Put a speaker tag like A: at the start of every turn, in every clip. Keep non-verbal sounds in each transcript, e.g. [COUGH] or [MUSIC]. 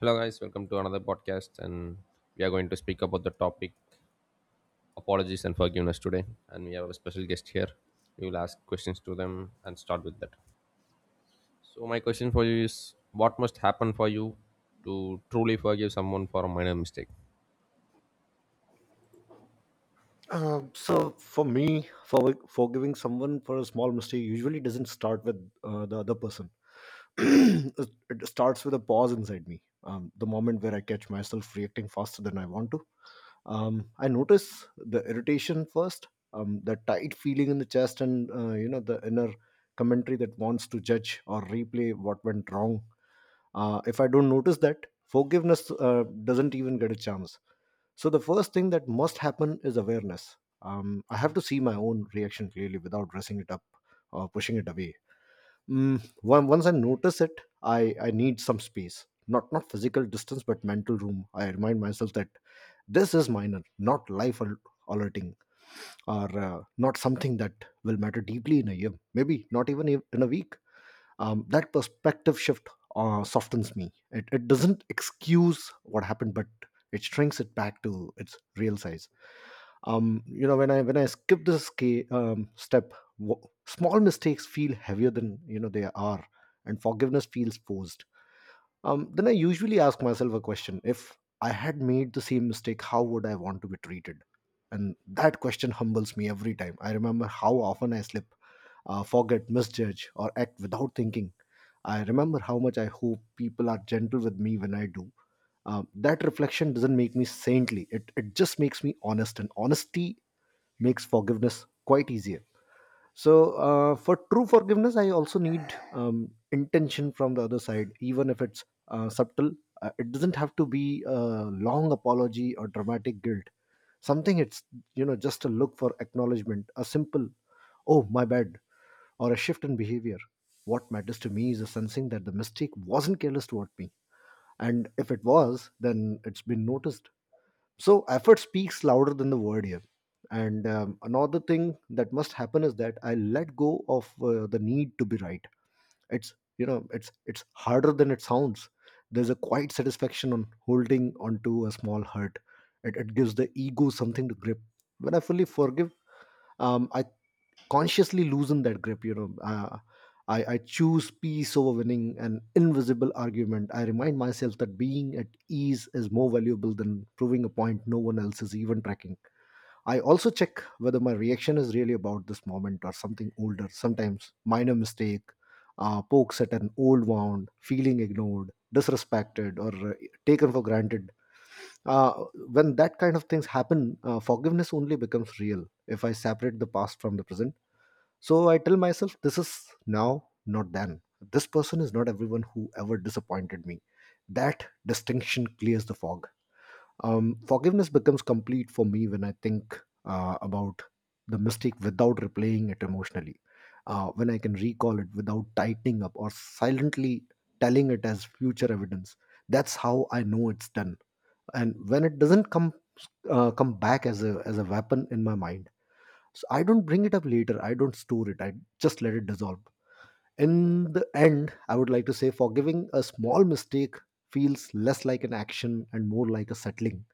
A: Hello, guys. Welcome to another podcast, and we are going to speak about the topic apologies and forgiveness today. And we have a special guest here. We will ask questions to them and start with that. So, my question for you is: What must happen for you to truly forgive someone for a minor mistake?
B: So for me, for forgiving someone for a small mistake usually doesn't start with the other person. [CLEARS THROAT] It starts with a pause inside me. The moment where I catch myself reacting faster than I want to. I notice the irritation first, the tight feeling in the chest, and you know the inner commentary that wants to judge or replay what went wrong. If I don't notice that, forgiveness doesn't even get a chance, so the first thing that must happen is awareness. I have to see my own reaction clearly without dressing it up or pushing it away. Once I notice it, I need some space. Not physical distance, but mental room. I remind myself that this is minor, not alerting, or not something that will matter deeply in a year. Maybe not even in a week. That perspective shift softens me. It doesn't excuse what happened, but it shrinks it back to its real size. When I skip this step, small mistakes feel heavier than they are, and forgiveness feels forced. Um then I usually ask myself a question: if I had made the same mistake, how would I want to be treated? And that question humbles me. Every time I remember how often I slip, forget, misjudge, or act without thinking, I remember how much I hope people are gentle with me when I do. Uh, that reflection doesn't make me saintly. It just makes me honest, and honesty makes forgiveness quite easier. So, for true forgiveness, I also need intention from the other side, even if it's subtle. It doesn't have to be a long apology or dramatic guilt. Something it's, just a look for acknowledgement, a simple, "Oh, my bad," or a shift in behavior. What matters to me is a sensing that the mistake wasn't careless toward me, and if it was, then it's been noticed. So effort speaks louder than the word here. And another thing that must happen is that I let go of the need to be right. It's, you know, it's harder than it sounds. There's a quiet satisfaction on holding onto a small hurt. It gives the ego something to grip. When I fully forgive, I consciously loosen that grip. I choose peace over winning an invisible argument. I remind myself that being at ease is more valuable than proving a point no one else is even tracking. I also check whether my reaction is really about this moment or something older. Sometimes minor mistake pokes at an old wound, feeling ignored, disrespected, or taken for granted. Uh, when that kind of things happen, forgiveness only becomes real if I separate the past from the present. So I tell myself, this is now, not then. This person is not everyone who ever disappointed me. That distinction clears the fog. Forgiveness becomes complete for me when I think about the mistake without replaying it emotionally, when I can recall it without tightening up or silently telling it as future evidence. That's how I know it's done, and when it doesn't come back as a weapon in my mind. So I don't bring it up later, I don't store it, I just let it dissolve. In the end, I would like to say forgiving a small mistake feels less like an action and more like a settling,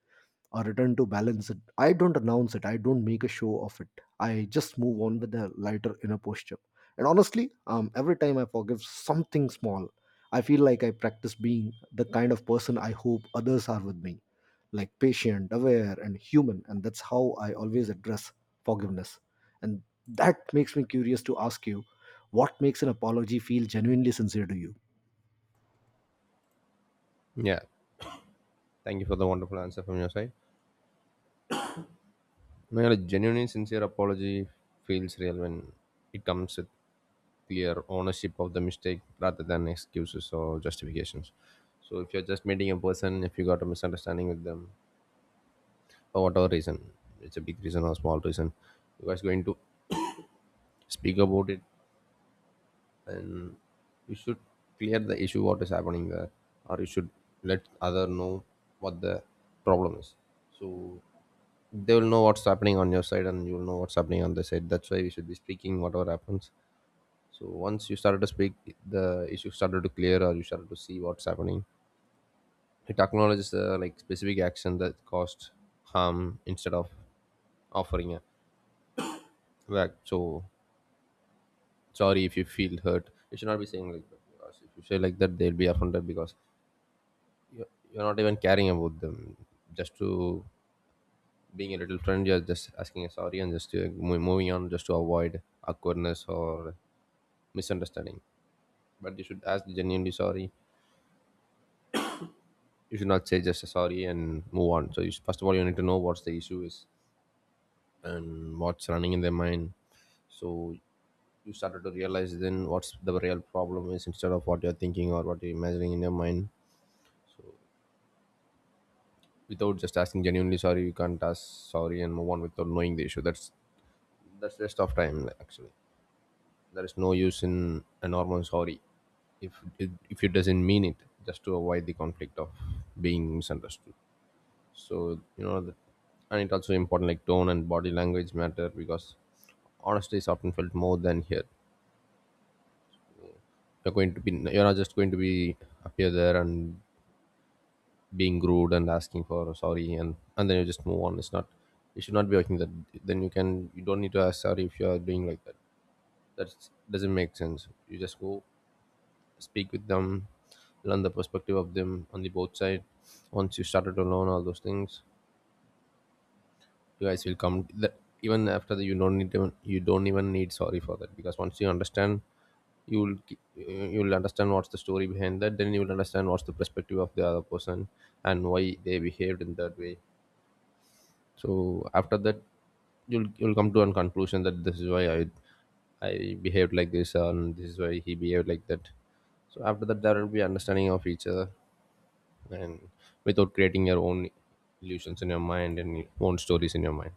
B: a return to balance. It I don't announce it, I don't make a show of it, I just move on with a lighter inner posture. And honestly, every time I forgive something small, I feel like I practice being the kind of person I hope others are with me, like patient, aware, and human. And that's how I always address forgiveness. And that makes me curious to ask you: what makes an apology feel genuinely sincere to you?
A: Yeah. Thank you for the wonderful answer from your side. Man, a genuinely sincere apology feels real when it comes with clear ownership of the mistake rather than excuses or justifications. So if you're just meeting a person, if you got a misunderstanding with them, for whatever reason, it's a big reason or small reason, you guys going to speak about it. You should clear the issue what is happening there, or you should let other know what the problem is, so they will know what's happening on your side and you will know what's happening on the side. That's why we should be speaking whatever happens. So once you started to speak, the issue started to clear, or you started to see what's happening. It acknowledges the like specific action that caused harm instead of offering a back. So sorry if you feel hurt, you should not be saying like that, because if you say like that they'll be offended, because you're not even caring about them, just to being a little friend. You're just asking a sorry and just moving on just to avoid awkwardness or misunderstanding. But you should ask genuinely sorry. You should not say just a sorry and move on. So you, should- first of all you need to know what's the issue is, and what's running in their mind. So you started to realize then what's the real problem is, instead of what you're thinking or what you're imagining in your mind. Without just asking genuinely sorry, you can't ask sorry and move on without knowing the issue. That's waste of time, like, actually there is no use in a normal sorry if it doesn't mean it, just to avoid the conflict of being misunderstood. So you know the, and it also important like tone and body language matter, because honesty is often felt more than here. You're going to be, you're not just going to be appear there and being rude and asking for sorry, and then you just move on. It's not, you should not be working that. Then you can, you don't need to ask sorry if you are doing like that. That doesn't make sense. You just go speak with them, learn the perspective of them on the both side. Once you started to learn all those things, you guys will come that even after that you don't need, even you don't even need sorry for that, because once you understand you'll you'll understand what's the story behind that. Then you'll understand what's the perspective of the other person and why they behaved in that way. So after that, you'll come to a conclusion that this is why I behaved like this and this is why he behaved like that. So after that, there will be understanding of each other, and without creating your own illusions in your mind and your own stories in your mind.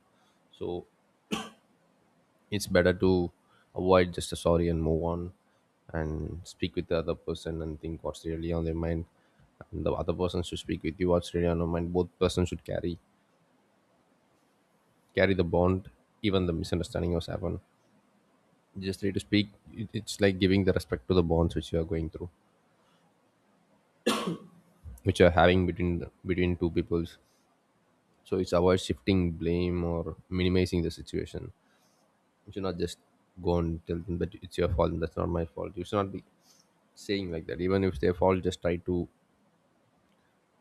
A: So it's better to avoid just a sorry and move on, and speak with the other person and think what's really on their mind. And the other person should speak with you what's really on their mind. Both persons should carry the bond, even the misunderstanding was happen. You just need to speak. It- it's like giving the respect to the bonds which you are going through, which you are having between the, between two peoples. So it's avoid shifting blame or minimizing the situation. You should not just go and tell them that it's your fault, that's not my fault. You should not be saying like that. Even if it's their fault, just try to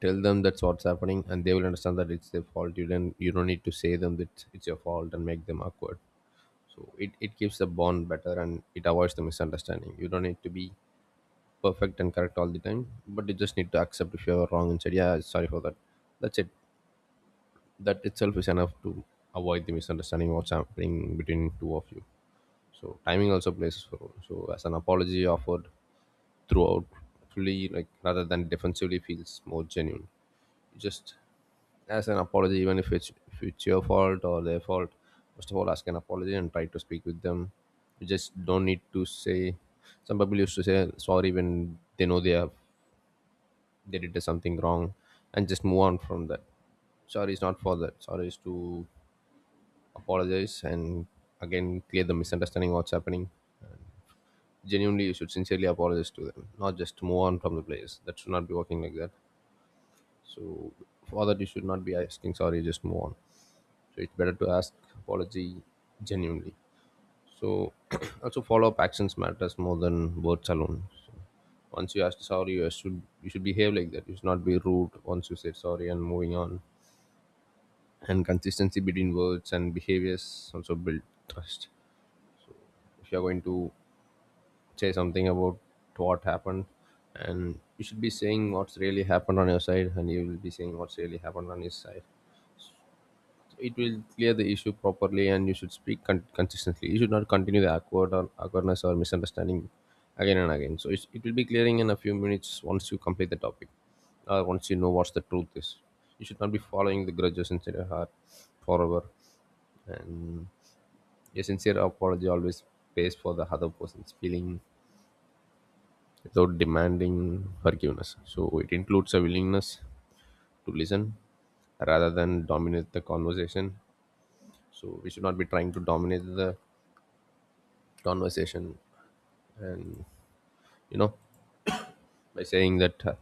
A: tell them that's what's happening, and they will understand that it's their fault. You don't need to say them that it's your fault and make them awkward. So it keeps the bond better and it avoids the misunderstanding. You don't need to be perfect and correct all the time, but you just need to accept if you're wrong and said yeah sorry for that. That's it. That itself is enough to avoid the misunderstanding what's happening between two of you. So timing also plays a role. So as an apology offered throughout fully like rather than defensively feels more genuine. Just as an apology, even if it's, if it's your fault or their fault, first of all ask an apology and try to speak with them. You just don't need to say, some people used to say sorry when they know they have, they did something wrong and just move on from that. Sorry is not for that. Sorry is to apologize and again clear the misunderstanding what's happening. Genuinely, you should sincerely apologize to them, not just move on from the place. That should not be working like that. So for that you should not be asking sorry just move on. So it's better to ask apology genuinely. So [CLEARS THROAT] also follow up actions matters more than words alone. So once you ask sorry, you should behave like that. You should not be rude once you said sorry and moving on. And consistency between words and behaviors also build trust. If you're going to say something about what happened, and you should be saying what's really happened on your side, and you will be saying what's really happened on his side. So it will clear the issue properly, and you should speak consistently. You should not continue the awkward or awkwardness or misunderstanding again and again. So it will be clearing in a few minutes once you complete the topic, or once you know what's the truth is. You should not be following the grudges inside your heart forever. And a sincere apology always pays for the other person's feeling without demanding forgiveness. So it includes a willingness to listen rather than dominate the conversation. So we should not be trying to dominate the conversation, and you know, by saying that,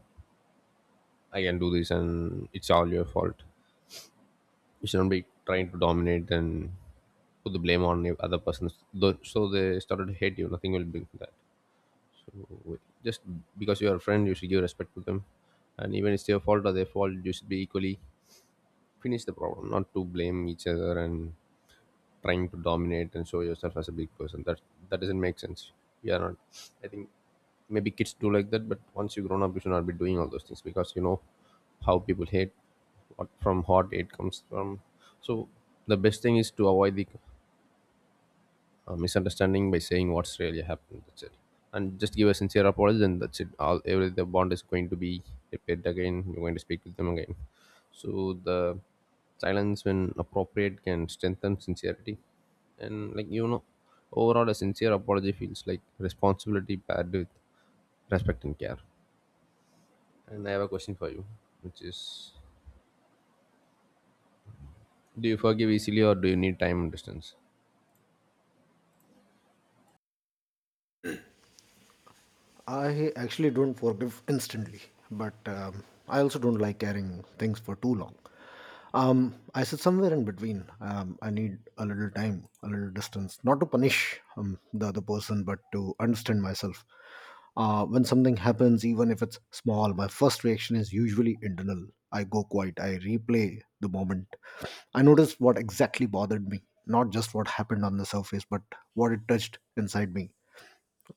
A: I can do this and it's all your fault. We should not be trying to dominate and put the blame on the other person. Though- so they started to hate you. Nothing will bring that. So just because you are a friend, you should give respect to them. And even it's their fault or their fault, you should be equally finish the problem, not to blame each other and trying to dominate and show yourself as a big person. That doesn't make sense. You are not. I think maybe kids do like that, but once you grown up, you should not be doing all those things, because you know how people hate, what from hot hate comes from. So the best thing is to avoid the a misunderstanding by saying what's really happened. That's it. And just give a sincere apology, then that's it. All every the bond is going to be repaired again. You're going to speak with them again. So the silence, when appropriate, can strengthen sincerity. And like you know, overall, a sincere apology feels like responsibility paired with respect and care. And I have a question for you, which is: Do you forgive easily, or do you need time and distance?
B: I actually don't forgive instantly, but I also don't like carrying things for too long. I sit somewhere in between. I need a little time, a little distance, not to punish the other person, but to understand myself. When something happens, even if it's small, my first reaction is usually internal. I go quiet, I replay the moment. I notice what exactly bothered me, not just what happened on the surface, but what it touched inside me.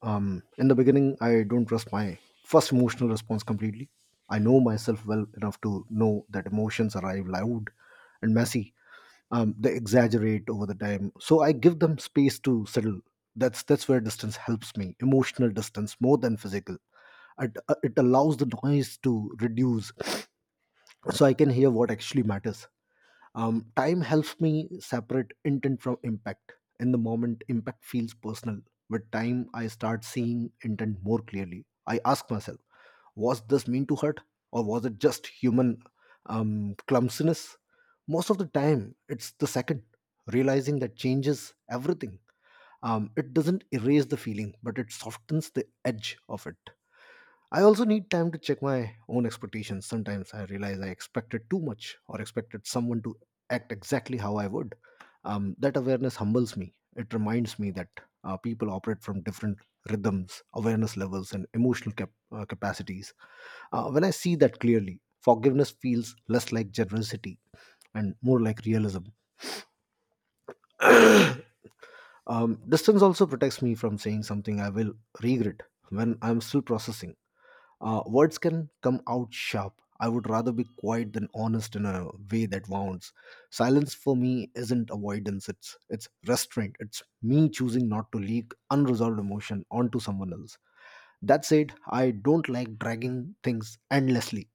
B: Um, in the beginning, I don't trust my first emotional response completely. I know myself well enough to know that emotions arrive loud and messy. They exaggerate over the time, so I give them space to settle. That's where distance helps me. Emotional distance more than physical. It allows the noise to reduce, so I can hear what actually matters. Time helps me separate intent from impact. In the moment, impact feels personal. With time, I start seeing intent more clearly. I ask myself, was this mean to hurt, or was it just human clumsiness? Most of the time, it's the second. Realizing that changes everything. It doesn't erase the feeling, but it softens the edge of it. I also need time to check my own expectations. Sometimes I realize I expected too much or expected someone to act exactly how I would. That awareness humbles me. It reminds me that people operate from different rhythms, awareness levels, and emotional capacities. When I see that clearly, forgiveness feels less like generosity and more like realism. [COUGHS] [CLEARS THROAT] Distance also protects me from saying something I will regret when I'm still processing. Words can come out sharp. I would rather be quiet than honest in a way that wounds. Silence for me isn't avoidance, it's restraint. It's me choosing not to leak unresolved emotion onto someone else. That said, I don't like dragging things endlessly.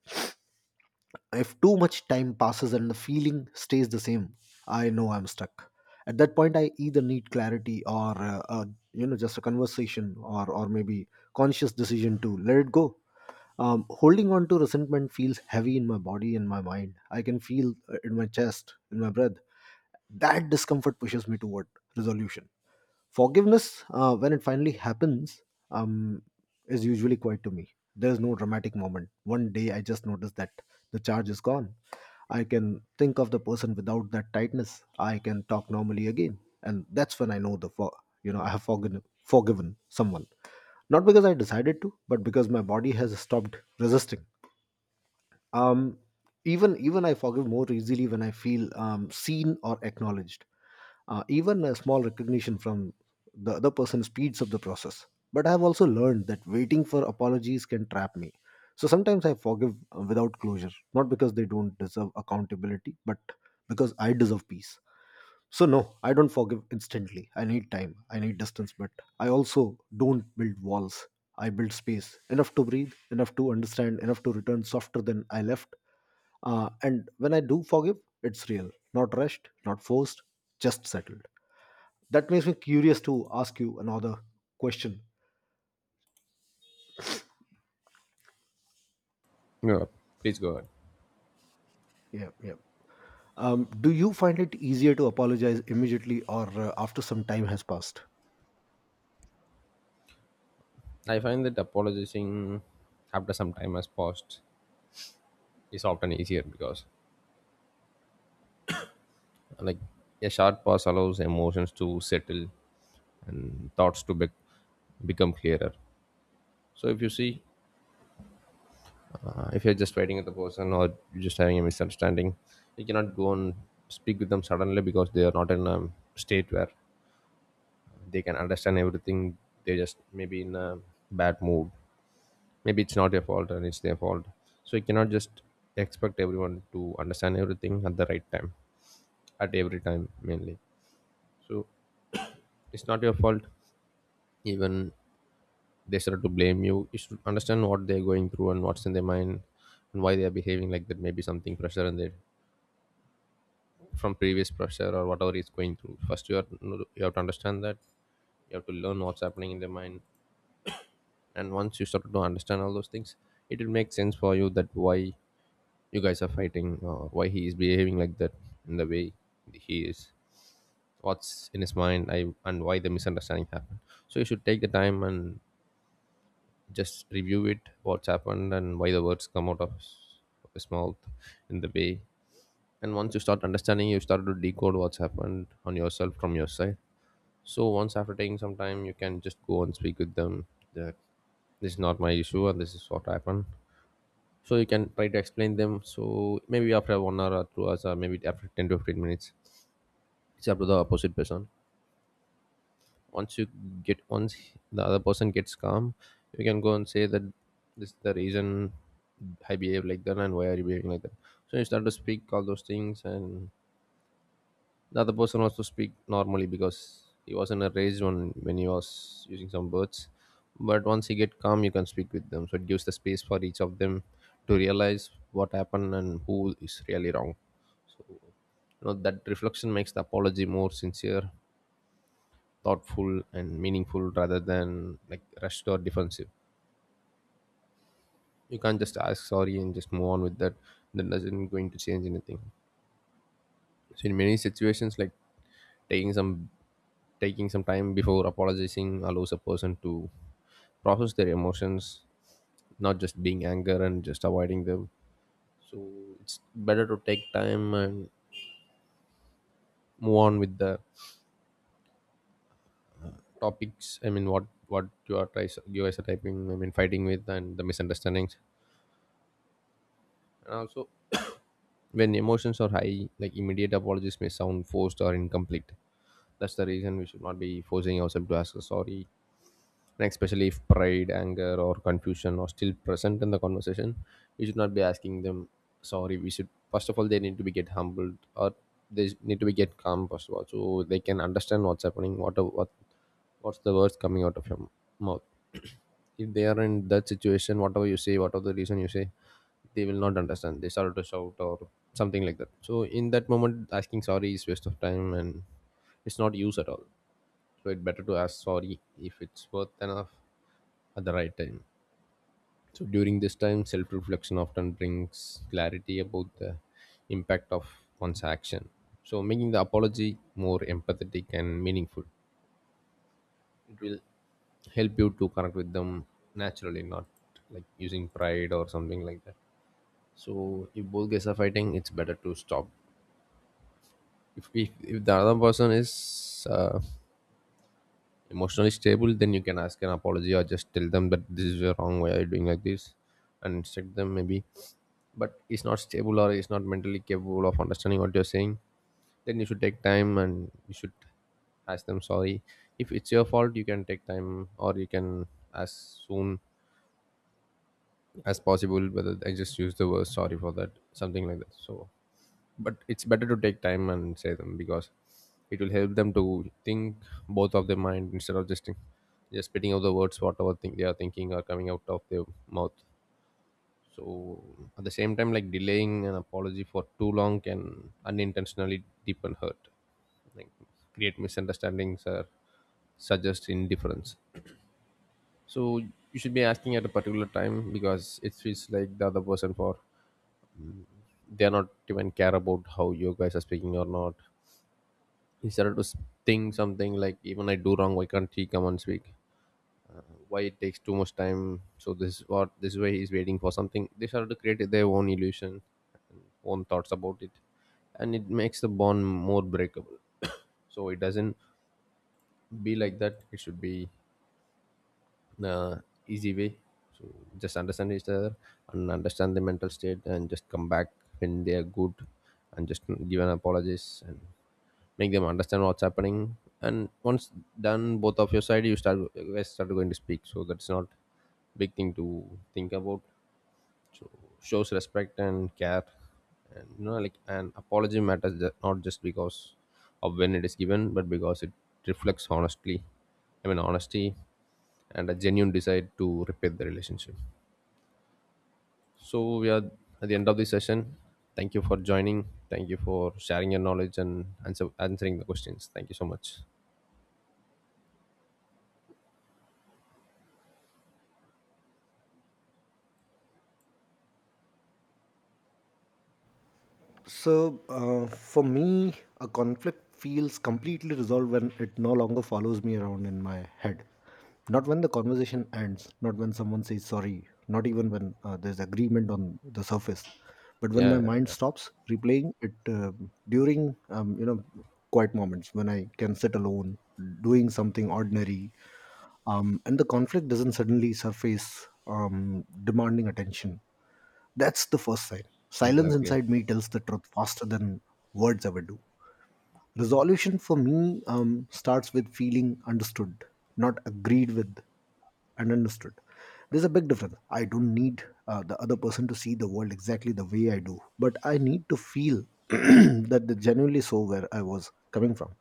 B: If too much time passes and the feeling stays the same, I know I'm stuck. At that point, I either need clarity or just a conversation, or maybe conscious decision to let it go. Um, holding on to resentment feels heavy in my body and my mind. I can feel in my chest, in my breath, that discomfort pushes me toward resolution. Forgiveness, when it finally happens, um, is usually quiet to me. There is no dramatic moment. One day I just notice that the charge is gone. I can think of the person without that tightness. I can talk normally again, and that's when I know the for you know I have forgiven someone. Not because I decided to, but because my body has stopped resisting. Um even even i forgive more easily when I feel seen or acknowledged. Uh, even a small recognition from the other person speeds up the process. But I have also learned that waiting for apologies can trap me, so sometimes I forgive without closure, not because they don't deserve accountability, but because I deserve peace. So no, I don't forgive instantly. I need time. I need distance, but I also don't build walls. I build space, enough to breathe, enough to understand, enough to return softer than I left. And when I do forgive, it's real, not rushed, not forced, just settled. That makes me curious to ask you another question.
A: No, please go ahead.
B: Yeah, yeah. Do you find it easier to apologize immediately or after some time has passed?
A: I find that apologizing after some time has passed is often easier because, like, a short pause allows emotions to settle and thoughts to become clearer. So if you see, if you're just fighting with the person or you're just having a misunderstanding, you cannot go and speak with them suddenly because they are not in a state where they can understand everything. They just maybe in a bad mood. Maybe it's not your fault and it's their fault, so you cannot just expect everyone to understand everything at the right time, at every time mainly. So it's not your fault. Even they start to blame you, you should understand what they're going through and what's in their mind and why they are behaving like that. Maybe something pressure and they from previous pressure or whatever is going through, first you are, you have to understand that. You have to learn what's happening in their mind, and once you start to understand all those things, it will make sense for you that why you guys are fighting or why he is behaving like that in the way he is, what's in his mind, and why the misunderstanding happened. So you should take the time and just review it, what's happened and why the words come out of of his mouth in the way. And once you start understanding, you start to decode what's happened on yourself from your side. So once after taking some time, you can just go and speak with them that this is not my issue and this is what happened. So you can try to explain them. So maybe after 1 hour or 2 hours, or maybe after 10 to 15 minutes, it's up to the opposite person. Once you get once the other person gets calm, you can go and say that this is the reason I behave like that and why are you behaving like that. So you start to speak all those things, and the other person also speak normally because he wasn't a raised one when he was using some words. But once you get calm, you can speak with them, so it gives the space for each of them to realize what happened and who is really wrong. You know that reflection makes the apology more sincere, thoughtful and meaningful rather than like rushed or defensive. You can't just ask sorry and just move on with that. That doesn't going to change anything. So in many situations, like, taking some taking some time before apologizing allows a person to process their emotions, not just being anger and just avoiding them. So it's better to take time and move on with the topics. I mean, what you are tries you guys are typing. I mean, fighting with and the misunderstandings, and also when emotions are high, like, immediate apologies may sound forced or incomplete. That's the reason we should not be forcing ourselves to ask for sorry. And especially if pride, anger, or confusion are still present in the conversation, we should not be asking them sorry. We should first of all they need to be get humbled, or they need to be get calm first of all, so they can understand what's happening, what what's the words coming out of your mouth. If they are in that situation, whatever you say, whatever the reason you say, they will not understand. They start to shout or something like that. So in that moment asking sorry is waste of time and it's not use at all. So it's better to ask sorry if it's worth enough, at the right time. So during this time, self-reflection often brings clarity about the impact of one's action, so making the apology more empathetic and meaningful. It will help you to connect with them naturally, not like using pride or something like that. So if both guys are fighting, it's better to stop. If the other person is emotionally stable, then you can ask an apology or just tell them that this is your wrong way, are you doing like this, and instruct them maybe. But it's not stable or it's not mentally capable of understanding what you're saying, then you should take time and you should ask them sorry. If it's your fault, you can take time or you can as soon as possible, whether I just use the word sorry for that something like that. So but it's better to take time and say them because it will help them to think both of their mind instead of just spitting out the words, whatever thing they are thinking are coming out of their mouth. So at the same time, like, delaying an apology for too long can unintentionally deepen hurt, like create misunderstandings or suggest indifference. So you should be asking at a particular time because it feels like the other person for, they are not even care about how you guys are speaking or not. He started to think something like even I do wrong, why can't he come and speak, why it takes too much time. So this is what this way why he's waiting for something. They started to create their own illusion, own thoughts about it, and it makes the bond more breakable. [COUGHS] So it doesn't be like that. It should be, uh, easy way. So just understand each other and understand the mental state and just come back when they are good, and just give an apologies and make them understand what's happening. And once done both of your side, you guys start going to speak. So that's not big thing to think about. Shows respect and care. And you know, like, an apology matters, not just because of when it is given, but because it reflects honestly, I mean honesty, and a genuine desire to repair the relationship. So we are at the end of this session. Thank you for joining. Thank you for sharing your knowledge and answering the questions. Thank you so much.
B: So, for me, a conflict feels completely resolved when it no longer follows me around in my head. Not when the conversation ends, not when someone says sorry, not even when there's agreement on the surface, but when my
A: Yeah.
B: mind stops replaying it. During, quiet moments when I can sit alone, doing something ordinary, and the conflict doesn't suddenly surface demanding attention, that's the first sign. Silence
A: Exactly.
B: inside me tells the truth faster than words ever do. Resolution for me starts with feeling understood, not agreed with, and understood. There's a big difference. I don't need the other person to see the world exactly the way I do, but I need to feel [CLEARS THROAT] that they genuinely saw where I was coming from.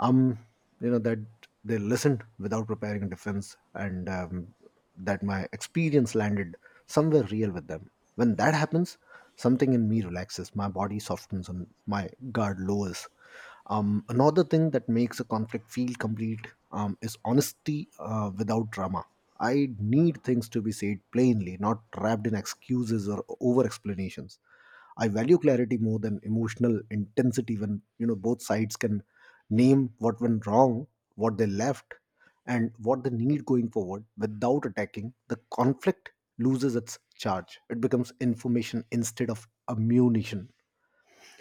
B: Um, that they listened without preparing a defense, and that my experience landed somewhere real with them. When that happens, something in me relaxes, my body softens, and my guard lowers. Another thing that makes a conflict feel complete is honesty without drama. I need things to be said plainly, not wrapped in excuses or over explanations. I value clarity more than emotional intensity. When both sides can name what went wrong, what they left, and what they need going forward without attacking, the conflict loses its charge. It becomes information instead of ammunition.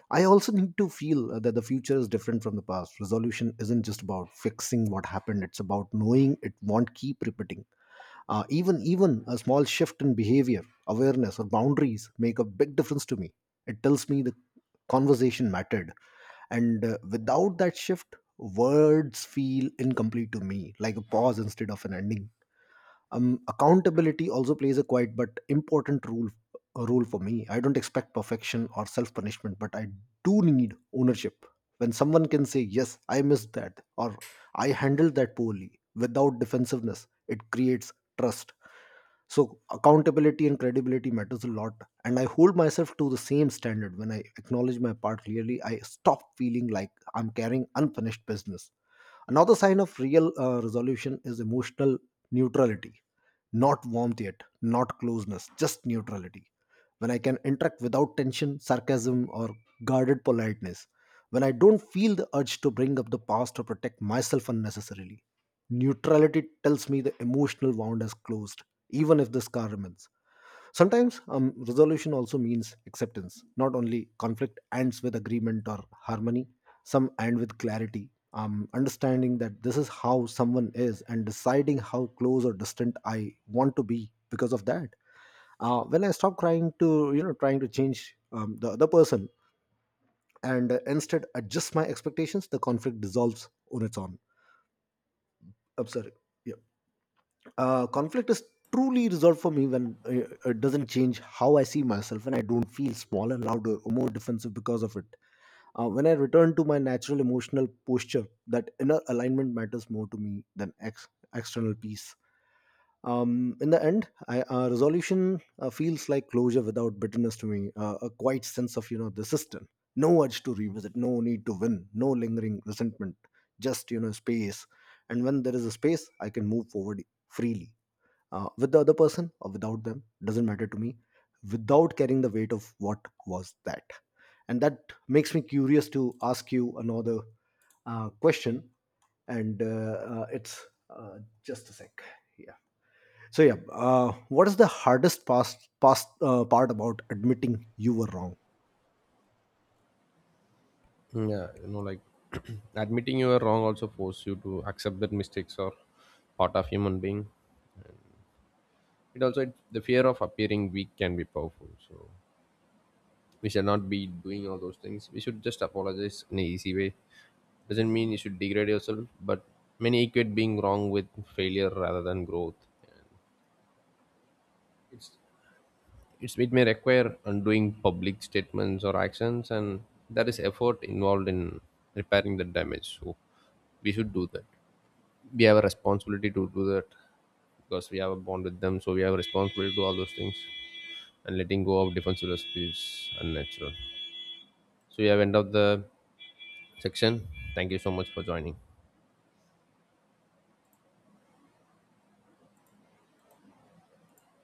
B: I also need to feel that the future is different from the past. Resolution isn't just about fixing what happened; it's about knowing it won't keep repeating. Even a small shift in behavior, awareness, or boundaries make a big difference to me. It tells me the conversation mattered, and without that shift, words feel incomplete to me, like a pause instead of an ending. Um, accountability also plays a quite but important role, a role for me. I don't expect perfection or self punishment, but I do need ownership. When someone can say, "Yes, I missed that," or "I handled that poorly," without defensiveness, it creates trust. So accountability and credibility matters a lot, and I hold myself to the same standard. When I acknowledge my part clearly, I stop feeling like I'm carrying unfinished business. Another sign of real resolution is emotional neutrality. Not warmth yet, not closeness, just neutrality. When I can interact without tension, sarcasm, or guarded politeness. When I don't feel the urge to bring up the past or protect myself unnecessarily, neutrality tells me the emotional wound is closed, even if the scar remains. Sometimes resolution also means acceptance. Not only conflict ends with agreement or harmony, some end with clarity. Understanding that this is how someone is and deciding how close or distant I want to be because of that. When I stop trying to, trying to change the other person, and instead adjust my expectations, the conflict dissolves on its own. I'm sorry. Yeah. Conflict is truly resolved for me when it doesn't change how I see myself, and I don't feel smaller, louder, or more defensive because of it. When I return to my natural emotional posture, that inner alignment matters more to me than external peace. In the end, resolution feels like closure without bitterness to me. A quiet sense of the system, no urge to revisit, no need to win, no lingering resentment, just space. And when there is a space, I can move forward freely with the other person or without them, doesn't matter to me, without carrying the weight of what was that. And that makes me curious to ask you another question, and it's just a sec. Yeah. So yeah, what is the hardest past past part about admitting you were wrong?
A: Yeah, you know, like, [CLEARS THROAT] admitting you were wrong also force you to accept that mistakes are part of human being. It also it, the fear of appearing weak can be powerful. So we should not be doing all those things. We should just apologize in an easy way. Doesn't mean you should degrade yourself, but many equate being wrong with failure rather than growth. It's, it may require undoing public statements or actions, and there is effort involved in repairing the damage. So we should do that. We have a responsibility to do that because we have a bond with them. So we have a responsibility to do all those things. And letting go of defensiveness is unnatural. So we have end of the section. Thank you so much for joining.